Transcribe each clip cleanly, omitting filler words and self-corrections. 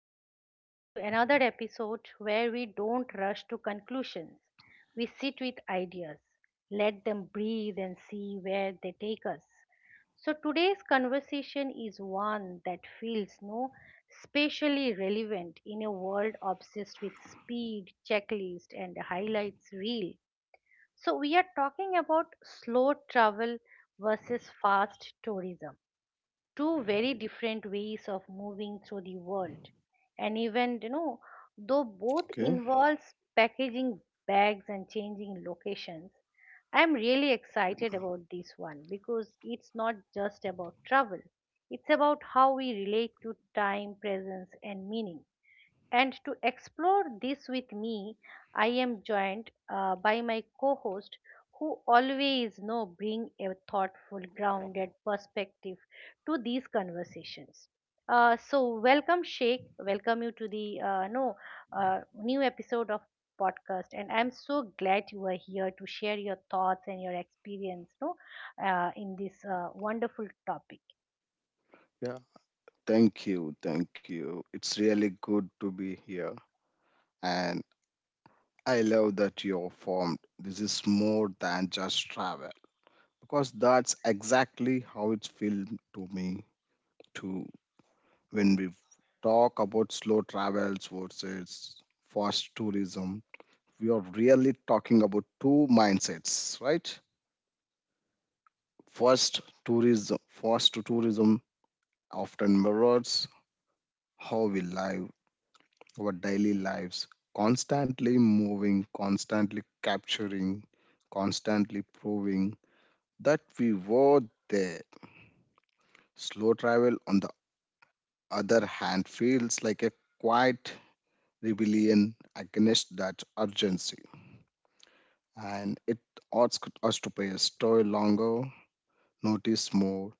everyone, to another episode where we don't rush to conclusions. We sit with ideas, let them breathe, and see where they take us. So, today's conversation is one that feels no especially relevant in a world obsessed with speed, checklist, and highlights reel. So, we are talking about slow travel versus fast tourism, two very different ways of moving through the world. And even though both Okay. involves packaging bags and changing locations, I'm really excited about this one because it's not just about travel, it's about how we relate to time, presence, and meaning. And to explore this with me, I am joined by my co host who always know bring a thoughtful grounded perspective to these conversations. So welcome sheikh, welcome you to the no new episode of podcast, and I'm so glad you are here to share your thoughts and your experience no in this wonderful topic. Yeah. Thank you. Thank you. It's really good to be here. And I love that you're formed. This is more than just travel because that's exactly how it's felt to me too. When we talk about slow travels versus fast tourism, we are really talking about two mindsets, right? First, tourism, fast tourism often mirrors how we live our daily lives, constantly moving, constantly capturing, constantly proving that we were there. Slow travel, on the other hand, feels like a quiet rebellion against that urgency. And it asks us to pay a story longer, notice more.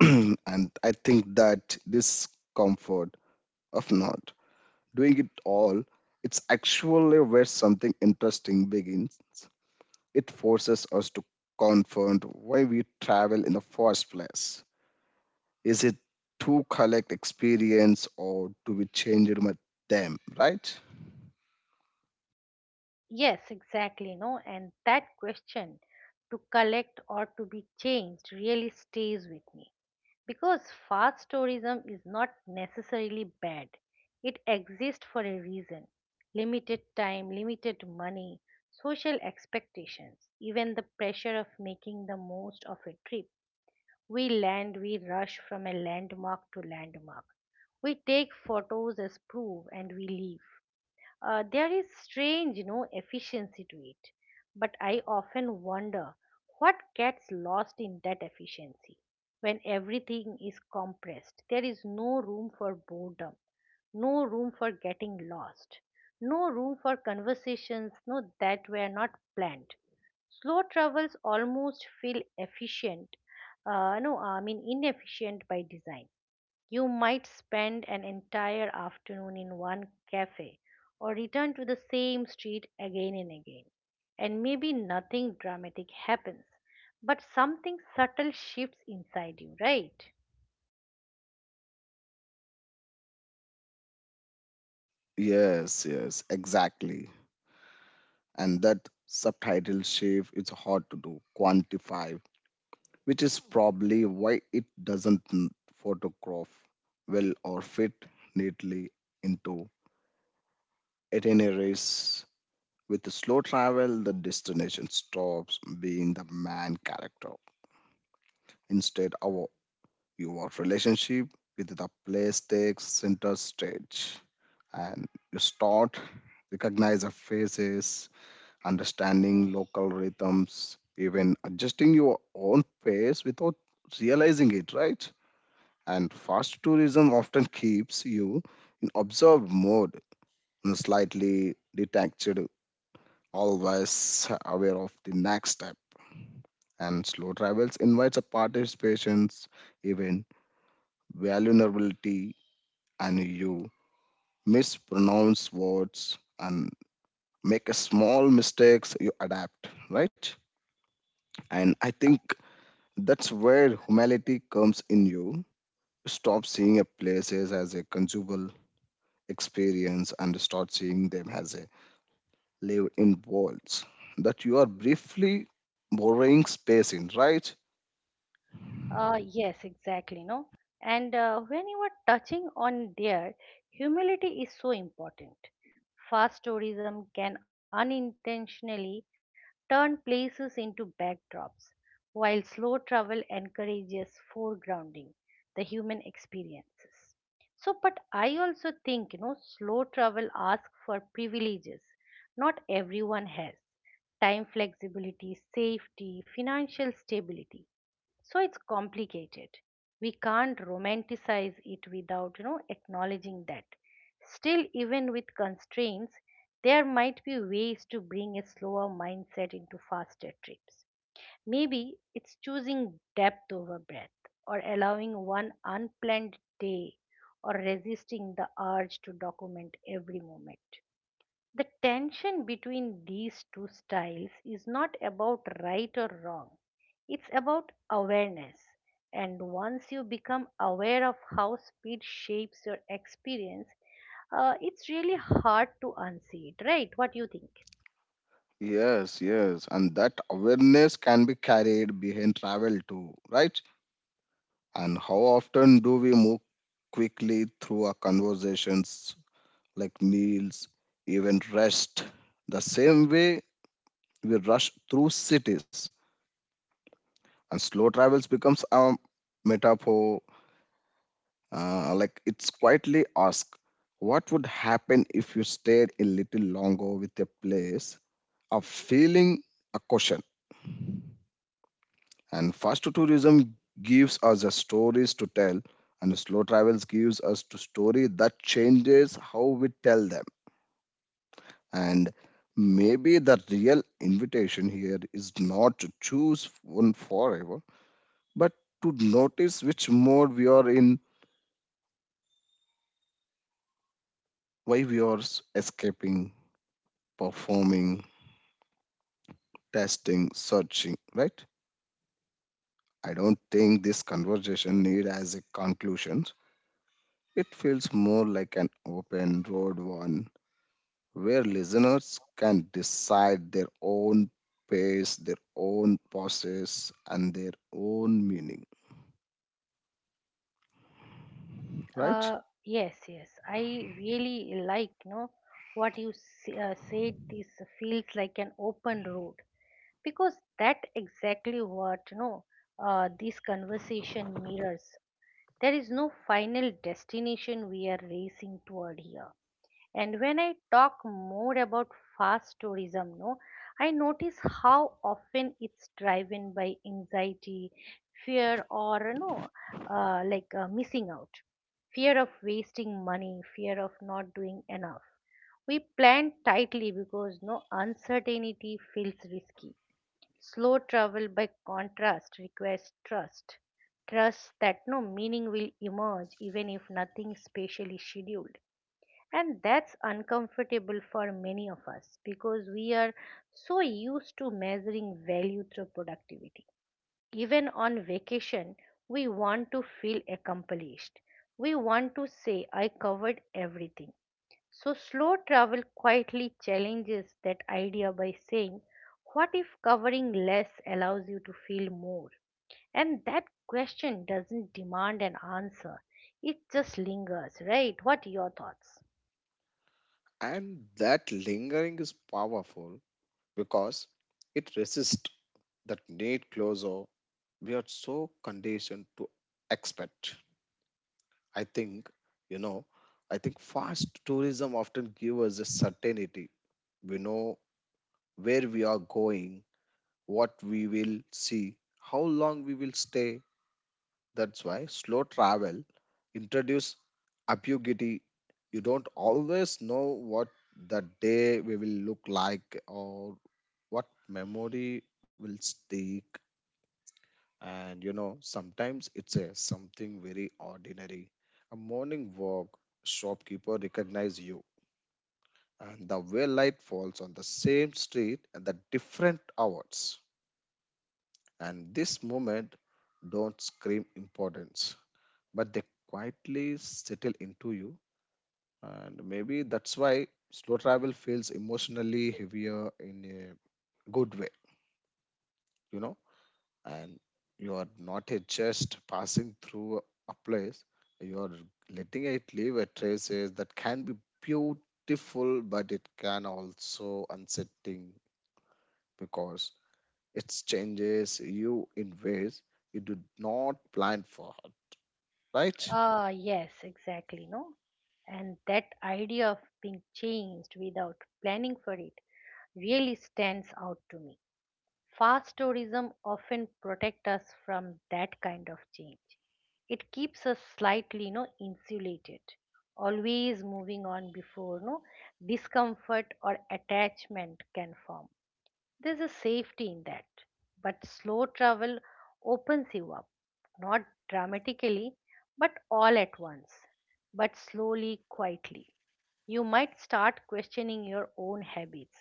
And I think that this comfort of not doing it all, it's actually where something interesting begins. It forces us to confront why we travel in the first place. Is it to collect experience or to be changed with them, right? Yes, exactly, no, and that question, to collect or to be changed, really stays with me because fast tourism is not necessarily bad. It exists for a reason. Limited time, limited money, social expectations, even the pressure of making the most of a trip. We land, we rush from a landmark to landmark. We take photos as proof and we leave. There is strange, you know, efficiency to it. But I often wonder what gets lost in that efficiency. When everything is compressed, there is no room for boredom, no room for getting lost, no room for conversations that were not planned. Slow travels almost feel efficient, no, I mean inefficient by design. You might spend an entire afternoon in one cafe or return to the same street again and again. And maybe nothing dramatic happens, but something subtle shifts inside you, right? Yes, yes, exactly. And that subtitle shift is hard to do, quantify, which is probably why it doesn't photograph well or fit neatly into itineraries. With slow travel, the destination stops being the man character. Instead, our your relationship with the place takes center stage, and you start recognize the faces, understanding local rhythms, even adjusting your own pace without realizing it. Right? And fast tourism often keeps you in observed mode, slightly detached, always aware of the next step. And slow travels invites a participations, even vulnerability, and you mispronounce words and make a small mistakes, you adapt, right? And I Uh, think that's where humanity comes in. You stop seeing a places as a consumable experience and start seeing them as a live in worlds that you are briefly borrowing space in, right? Yes, exactly. No, and when you are touching on there, humility is so important. Fast tourism can unintentionally turn places into backdrops, while slow travel encourages foregrounding the human experiences. So, but I also think, you know, slow travel asks for privileges not everyone has. Time, flexibility, safety, financial stability, so it's complicated. We can't romanticize it without, you know, acknowledging that. Still, even with constraints, there might be ways to bring a slower mindset into faster trips. Maybe it's choosing depth over breadth, or allowing one unplanned day, or resisting the urge to document every moment. The tension between these two styles is not about right or wrong, it's about awareness. And once you become aware of how speed shapes your experience, it's really hard to unsee it, right? What do you think? Yes, yes, and that awareness can be carried behind travel too, right? And how often do we move quickly through our conversations, like meals, even rest? The same way we rush through cities, and slow travels becomes our metaphor. Like, it's quietly ask, what would happen if you stayed a little longer with a place? A feeling, a question. And fast food tourism gives us the stories to tell, and slow travels gives us to story that changes how we tell them. And maybe the real invitation here is not to choose one forever, but to notice which mode we are in, why we are escaping, performing, testing, searching, right? I don't think this conversation need as a conclusion. It feels more like an open road one, where listeners can decide their own pace, their own process, and their own meaning, right? Yes, yes. I really like, you know, what you said. This feels like an open road, because that exactly what you know. This conversation mirrors. There is no final destination we are racing toward here. And when I talk more about fast tourism, no, I notice how often it's driven by anxiety, fear, or no, like missing out, fear of wasting money, fear of not doing enough. We plan tightly because no uncertainty feels risky. Slow travel, by contrast, requires trust. Trust that no meaning will emerge even if nothing spatially scheduled. And that's uncomfortable for many of us because we are so used to measuring value through productivity. Even on vacation, we want to feel accomplished. We want to say, I covered everything. So, slow travel quietly challenges that idea by saying, what if covering less allows you to feel more? And that question doesn't demand an answer, it just lingers, right? What are your thoughts? And that lingering is powerful because it resists that need closure we are so conditioned to expect. I think, you know, I think fast tourism often gives us a certainty. We know where we are going, what we will see, how long we will stay. That's why slow travel introduce ambiguity. You don't always know what the day we will look like or what memory will stick. And you know, sometimes it's a something very ordinary. A morning walk, shopkeeper recognize you, and the way light falls on the same street at the different hours. And this moment don't scream importance, but they quietly settle into you. And maybe that's why slow travel feels emotionally heavier in a good way, you know. And you are not a just passing through a place, you are letting it leave a traces that can be beautiful, but it can also unsettling because it changes you in ways you do not plan for, right? Ah, yes, exactly, no? And that idea of being changed without planning for it really stands out to me. Fast tourism often protect us from that kind of change. It keeps us slightly, you know, insulated, always moving on before, no discomfort or attachment can form. There's a safety in that. But slow travel opens you up, not dramatically, but all at once, but slowly, quietly. You might start questioning your own habits,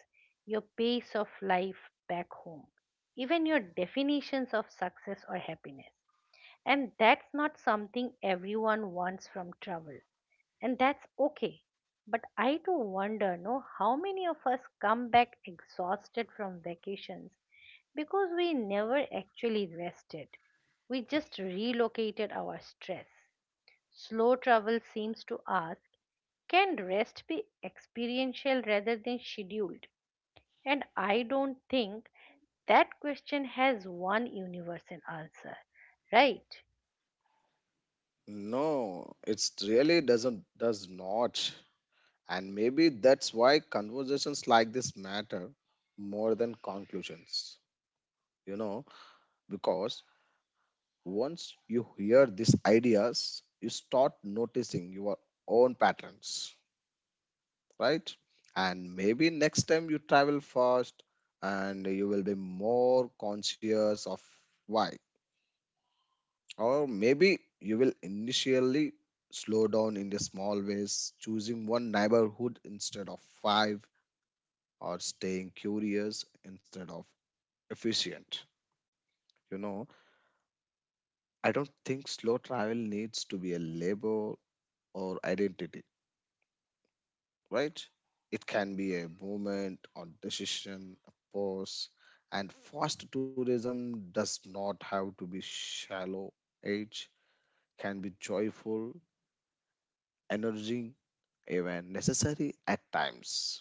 your pace of life back home, even your definitions of success or happiness. And that's not something everyone wants from travel. And that's okay. But I do wonder, no, how many of us come back exhausted from vacations because we never actually rested. We just relocated our stress. Slow travel seems to us, can rest be experiential rather than scheduled? And I don't think that question has one universal answer, right? No, it's really does not. And maybe that's why conversations like this matter more than conclusions. You know, because once you hear these ideas, you start noticing your own patterns, right? And maybe next time you travel fast and you will be more conscious of why. Or maybe you will initially slow down in the small ways, choosing one neighborhood instead of five, or staying curious instead of efficient. You know, I don't think slow travel needs to be a label or identity, right? It can be a movement or decision, a pause, and fast tourism does not have to be shallow. Age can be joyful, energy even necessary at times.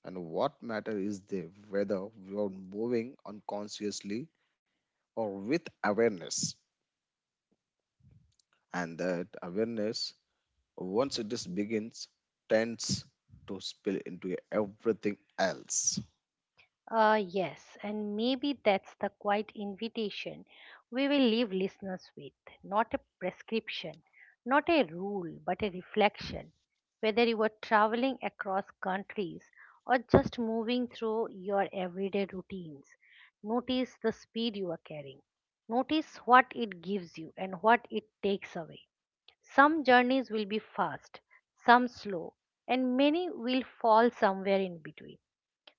And what matter is the whether you're moving unconsciously or with awareness. And that awareness, once it is begins, tends to spill into everything else. Yes, and maybe that's the quiet invitation we will leave listeners with. Not a prescription, not a rule, but a reflection. Whether you are traveling across countries or just moving through your everyday routines, notice the speed you are carrying. Notice what it gives you and what it takes away. Some journeys will be fast, some slow, and many will fall somewhere in between.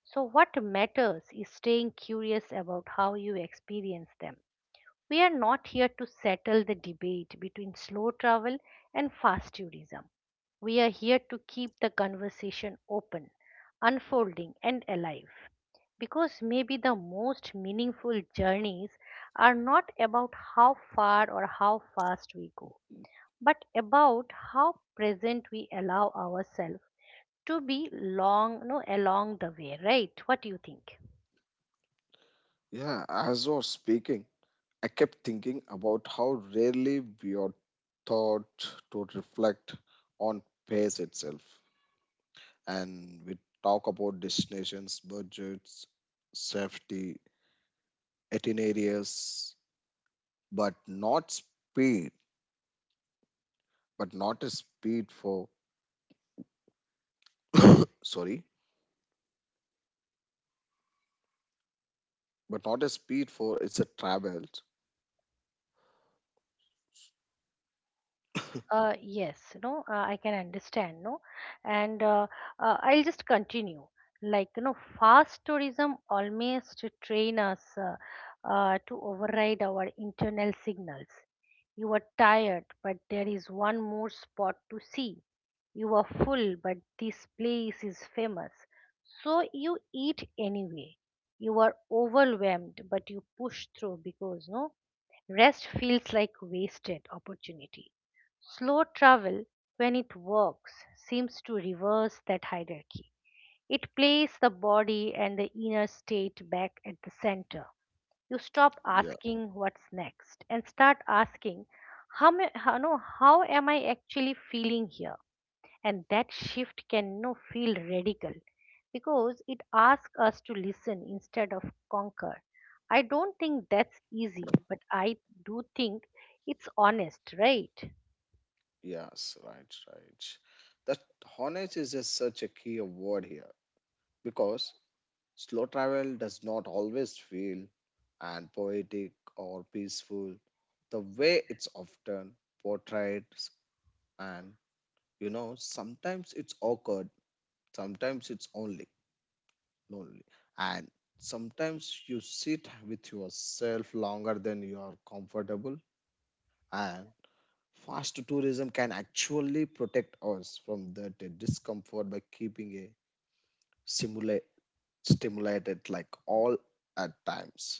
So, what matters is staying curious about how you experience them. We are not here to settle the debate between slow travel and fast tourism. We are here to keep the conversation open, unfolding, and alive. Because maybe the most meaningful journeys are not about how far or how fast we go, but about how present we allow ourselves to be long no along the way, right? What do you think? Yeah, as you're speaking, I kept thinking about how rarely we are taught to reflect on pace itself. And we talk about destinations, budgets, safety, areas, but not speed, but not a speed for, sorry, but not a speed for it's a traveled. Yes, no, I can understand, no, and I'll just continue. Like, you know, fast tourism almost train us to override our internal signals. You are tired, but there is one more spot to see. You are full, but this place is famous. So you eat anyway. You are overwhelmed, but you push through because, no, rest feels like wasted opportunity. Slow travel, when it works, seems to reverse that hierarchy. It places the body and the inner state back at the center. You stop Yeah, asking what's next and start asking, how, ma- how, no, how am I actually feeling here? And that shift can no, feel radical because it asks us to listen instead of conquer. I don't think that's easy, but I do think it's honest, right? yes, right, right. That honest is just such a key word here because slow travel does not always feel and poetic or peaceful the way it's often portrayed. And you know, sometimes it's awkward, sometimes it's only lonely, and sometimes you sit with yourself longer than you are comfortable. And fast tourism can actually protect us from that discomfort by keeping a simulate stimulated like all at times.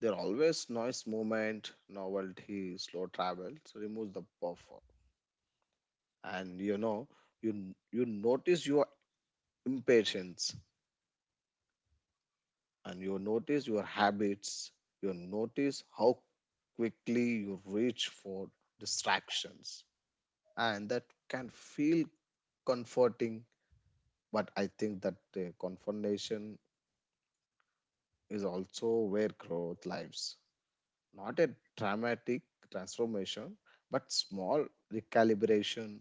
There are always noise, movement, novelty. Slow travel so remove the buffer, and you know, you notice your impatience, and you notice your habits, you notice how quickly you reach for distractions. And that can feel comforting, but I think that the confrontation is also where growth lives. Not a dramatic transformation, but small recalibration.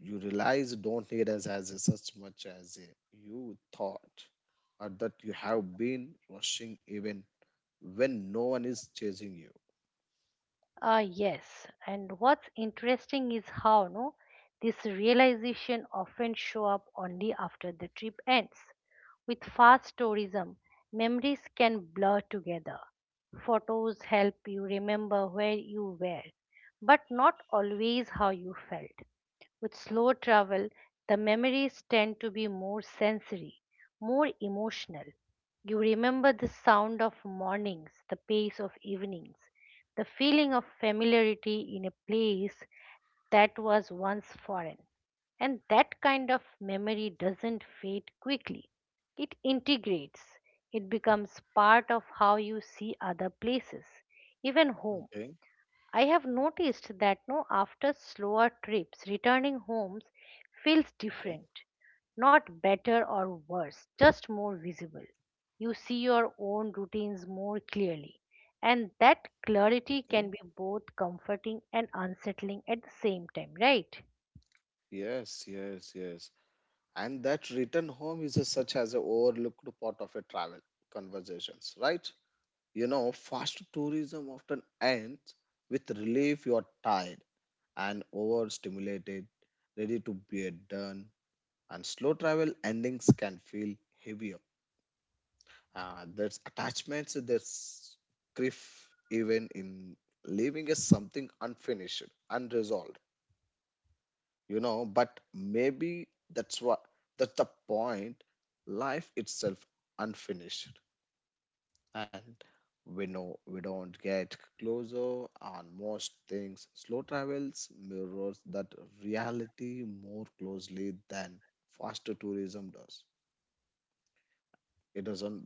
You realize you don't need us as such much as you thought, or that you have been rushing even when no one is chasing you. Yes, and what's interesting is how no this realization often show up only after the trip ends. With fast tourism, memories can blur together. Photos help you remember where you were, but not always how you felt. With slow travel, the memories tend to be more sensory, more emotional. You remember the sound of mornings, the pace of evenings, the feeling of familiarity in a place that was once foreign. And that kind of memory doesn't fade quickly. It integrates, it becomes part of how you see other places, even home. Okay. I have noticed that no after slower trips returning homes feels Okay. different, not better or worse, just more visible. You see your own routines more clearly, and that Okay, clarity can be both comforting and unsettling at the same time, right? yes, yes, yes, and that return home is a, such as a overlooked part of a travel conversations, right? You know, fast tourism often ends with relief. You are tired and overstimulated, ready to be done. And slow travel endings can feel heavier. There's attachments, there's grief, even in leaving is something unfinished, unresolved, you know. But maybe that's what that's the point. Life itself unfinished, and we know we don't get closer on most things. Slow travels mirrors that reality more closely than faster tourism does. It doesn't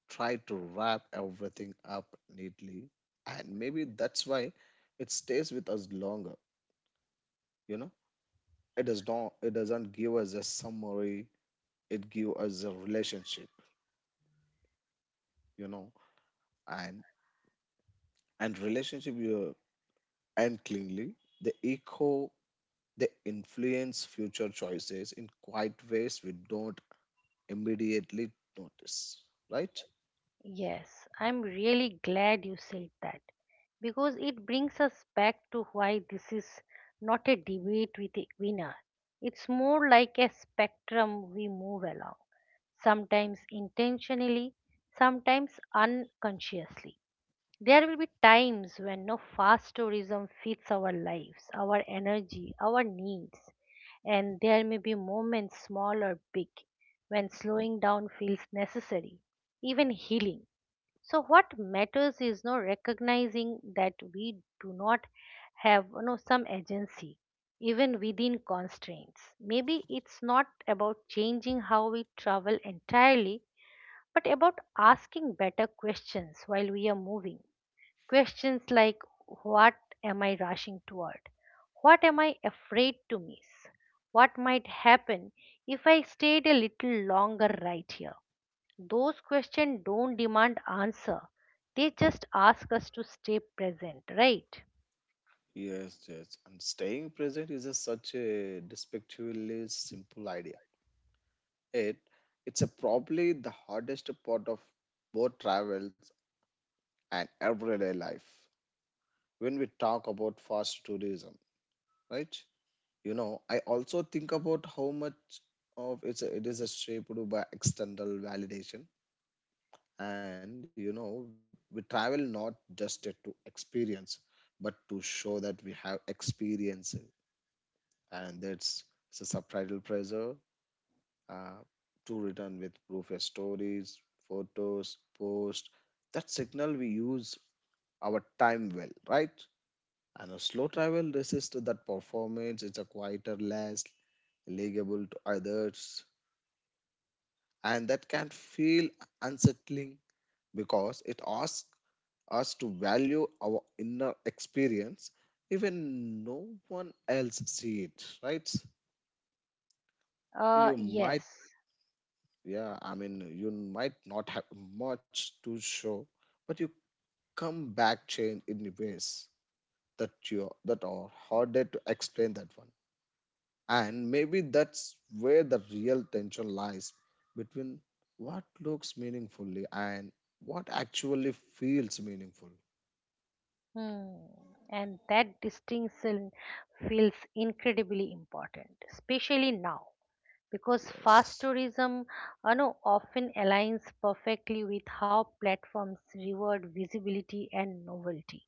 try to wrap everything up neatly, and maybe that's why it stays with us longer. You know, it does not it doesn't give us a summary, it gives us a relationship, you know. and and relationship you and cleanly the echo, they influence future choices in quiet ways we don't immediately notice, right? Yes, I'm really glad you said that because it brings us back to why this is not a debate with a winner. It's more like a spectrum we move along, sometimes intentionally, sometimes unconsciously. There will be times when no fast tourism fits our lives, our energy, our needs, and there may be moments, small or big, when slowing down feels necessary, even healing. So what matters is no recognizing that we do not have, you know, some agency even within constraints. Maybe it's not about changing how we travel entirely, but about asking better questions while we are moving. Questions like, what am I rushing toward? What am I afraid to miss? What might happen if I stayed a little longer right here? Those questions don't demand answer. They just ask us to stay present, right? Yes, yes, and staying present is a, such a despectively simple idea. It it's a probably the hardest part of both travels and everyday life. When we talk about fast tourism, right, you know, I also think about how much of it is shaped by external validation. And you know, we travel not just to experience, but to show that we have experience. And that's it's a subtitle pressure, uh, to return with proof as stories, photos, posts. That signal we use our time well, right? And a slow travel resists that performance. It's a quieter, less legible to others, and that can feel unsettling because it asks us to value our inner experience even no one else see it, right? You might Yes. Yeah, I mean, you might not have much to show, but you come back changed in ways that you that are harder to explain that one. And maybe that's where the real tension lies between what looks meaningfully and what actually feels meaningful. Hmm. And that distinction feels incredibly important, especially now, because fast Yes, tourism, you know, often aligns perfectly with how platforms reward visibility and novelty.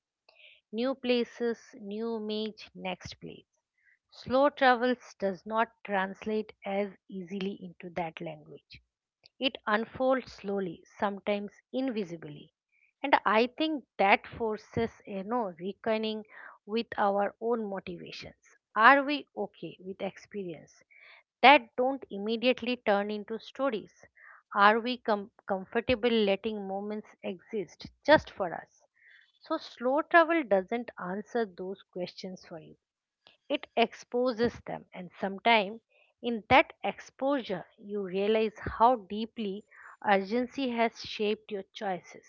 New places, new image, next place. Slow travels does not translate as easily into that language. It unfolds slowly, sometimes invisibly. And I think that forces, you know, reckoning with our own motivations. Are we okay with experience that don't immediately turn into stories? Are we comfortable letting moments exist just for us? So slow travel doesn't answer those questions for you, it exposes them. And sometimes in that exposure you realize how deeply urgency has shaped your choices,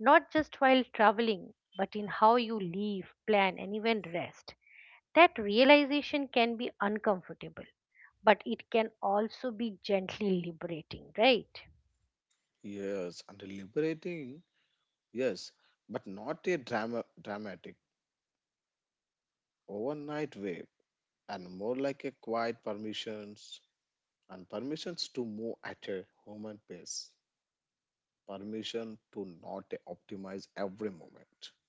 not just while traveling but in how you live, plan, and even rest. That realization can be uncomfortable, but it can also be gently liberating, right? yes, and liberating. Yes, but not a dramatic overnight way, and more like a quiet permissions and permissions to move at a human pace, permission to not optimize every moment,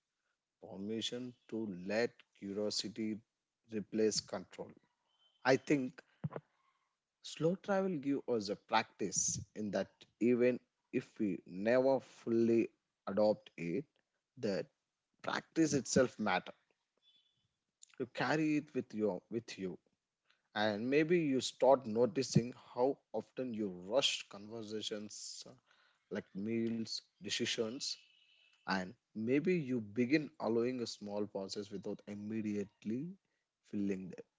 permission to let curiosity replace control. I think slow travel gives us a practice in that, even if we never fully adopt it, the practice itself matter. You carry it with you, and maybe you start noticing how often you rush conversations, like meals, decisions. And maybe you begin allowing a small pauses without immediately filling them.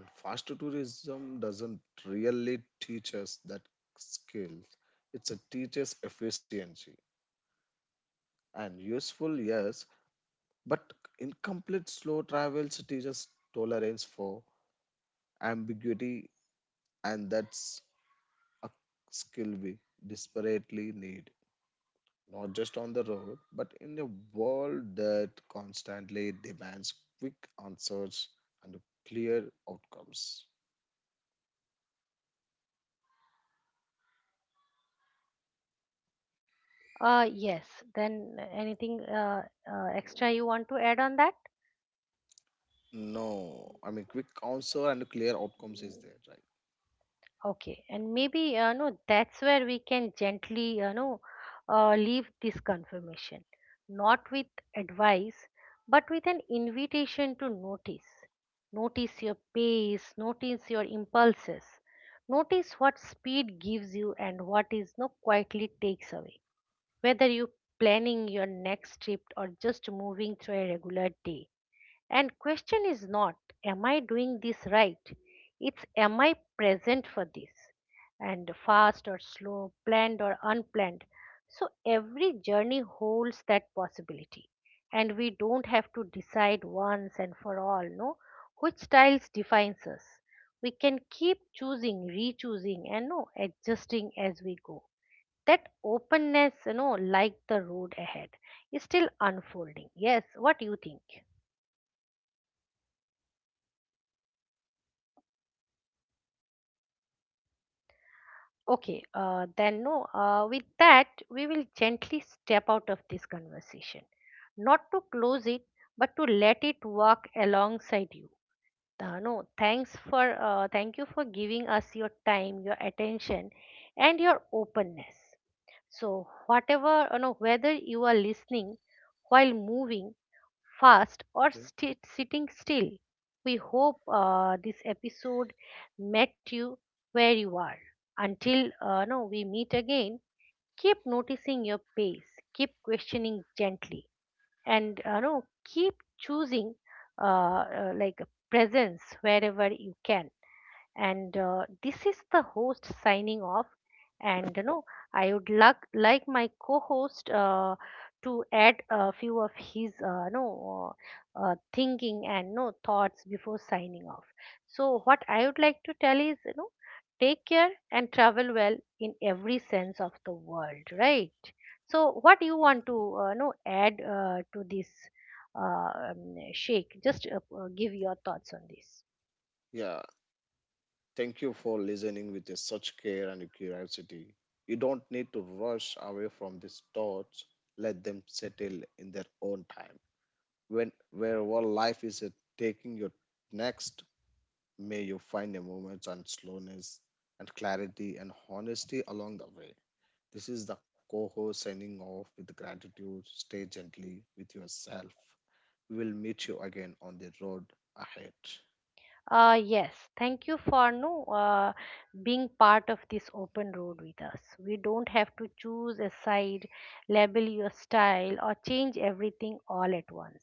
And fast tourism doesn't really teach us that skills. It's a teaches efficiency, and useful, yes, but incomplete. Slow travels teaches tolerance for ambiguity, and that's a skill we desperately need, not just on the road, but in a world that constantly demands quick answers and clear outcomes. Yes, then anything extra you want to add on that? No, I mean, quick answer and clear outcomes is there, right? Okay, and maybe, you know, that's where we can gently, you know, leave this confirmation, not with advice, but with an invitation to notice. Notice your pace, notice your impulses, notice what speed gives you and what is no quietly takes away. Whether you planning your next trip or just moving through a regular day, and question is not, am I doing this right? It's, am I present for this? And fast or slow, planned or unplanned. So every journey holds that possibility. And we don't have to decide once and for all, no, which styles defines us. We can keep choosing, re-choosing, and no, adjusting as we go. That openness, like the road ahead, is still unfolding. Yes, what do you think? Okay, then no, with that, we will gently step out of this conversation. Not to close it, but to let it walk alongside you. No, thanks for, thank you for giving us your time, your attention, and your openness. So, whatever, whether you are listening while moving fast or Okay. Sitting still. We hope this episode met you where you are. Until no, we meet again, keep noticing your pace, keep questioning gently, and no, keep choosing like presence wherever you can. And this is the host signing off. And I would like my co-host to add a few of his no thinking and no thoughts before signing off. So what I would like to tell is, take care and travel well in every sense of the world, right? So what do you want to no add to this? Shake, just give your thoughts on this. Yeah, thank you for listening with a such care and curiosity. You don't need to rush away from these thoughts. Let them settle in their own time. When wherever life is taking your next, may you find a moment and slowness and clarity and honesty along the way. This is the co host signing off with gratitude. Stay gently with yourself. We will meet you again on the road ahead. Yes, thank you for no being part of this open road with us. We don't have to choose a side, label your style, or change everything all at once.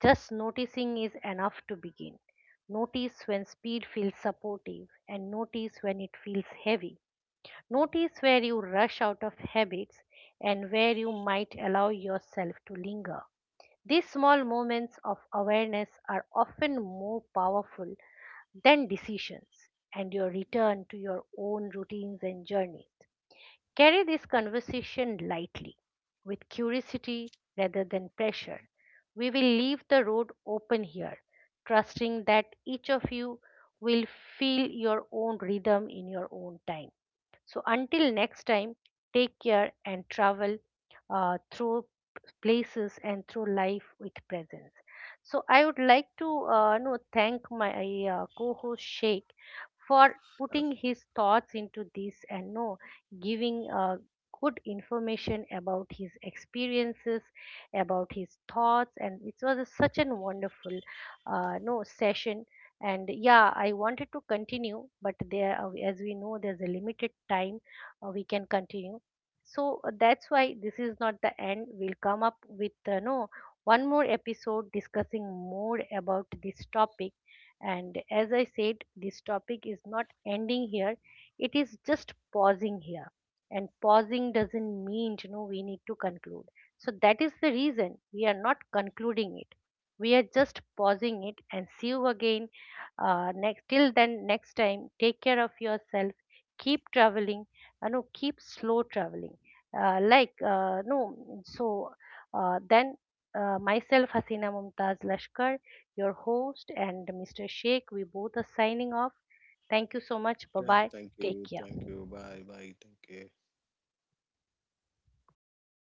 Just noticing is enough to begin. Notice when speed feels supportive, and notice when it feels heavy. Notice where you rush out of habits and where you might allow yourself to linger. These small moments of awareness are often more powerful then decisions, and your return to your own routines and journeys. Carry this conversation lightly, with curiosity rather than pressure. And, We will leave the road open here, trusting that each of you will feel your own rhythm in your own time. So until next time, take care and travel through places and through life with presence. So I would like to no, thank my co-host Sheikh for uh, putting his thoughts into this and no giving good information about his experiences, about his thoughts, and it was such an wonderful no session. And yeah, I wanted to continue but there as we know there's a limited time we can continue. So that's why this is not the end. We'll come up with no one more episode discussing more about this topic. And as I said, this topic is not ending here, it is just pausing here. And pausing doesn't mean, we need to conclude. So that is the reason we are not concluding it. We are just pausing it and see you again. Next Till then, next time, take care of yourself. Keep traveling, no keep slow traveling. Like, no so, then, myself Hasina Mumtaz Lashkar, your host, and Mr Sheikh, we both are signing off. Thank you so much. Bye yeah, bye. thank Take you. care. Thank you. Bye. Bye. Thank you.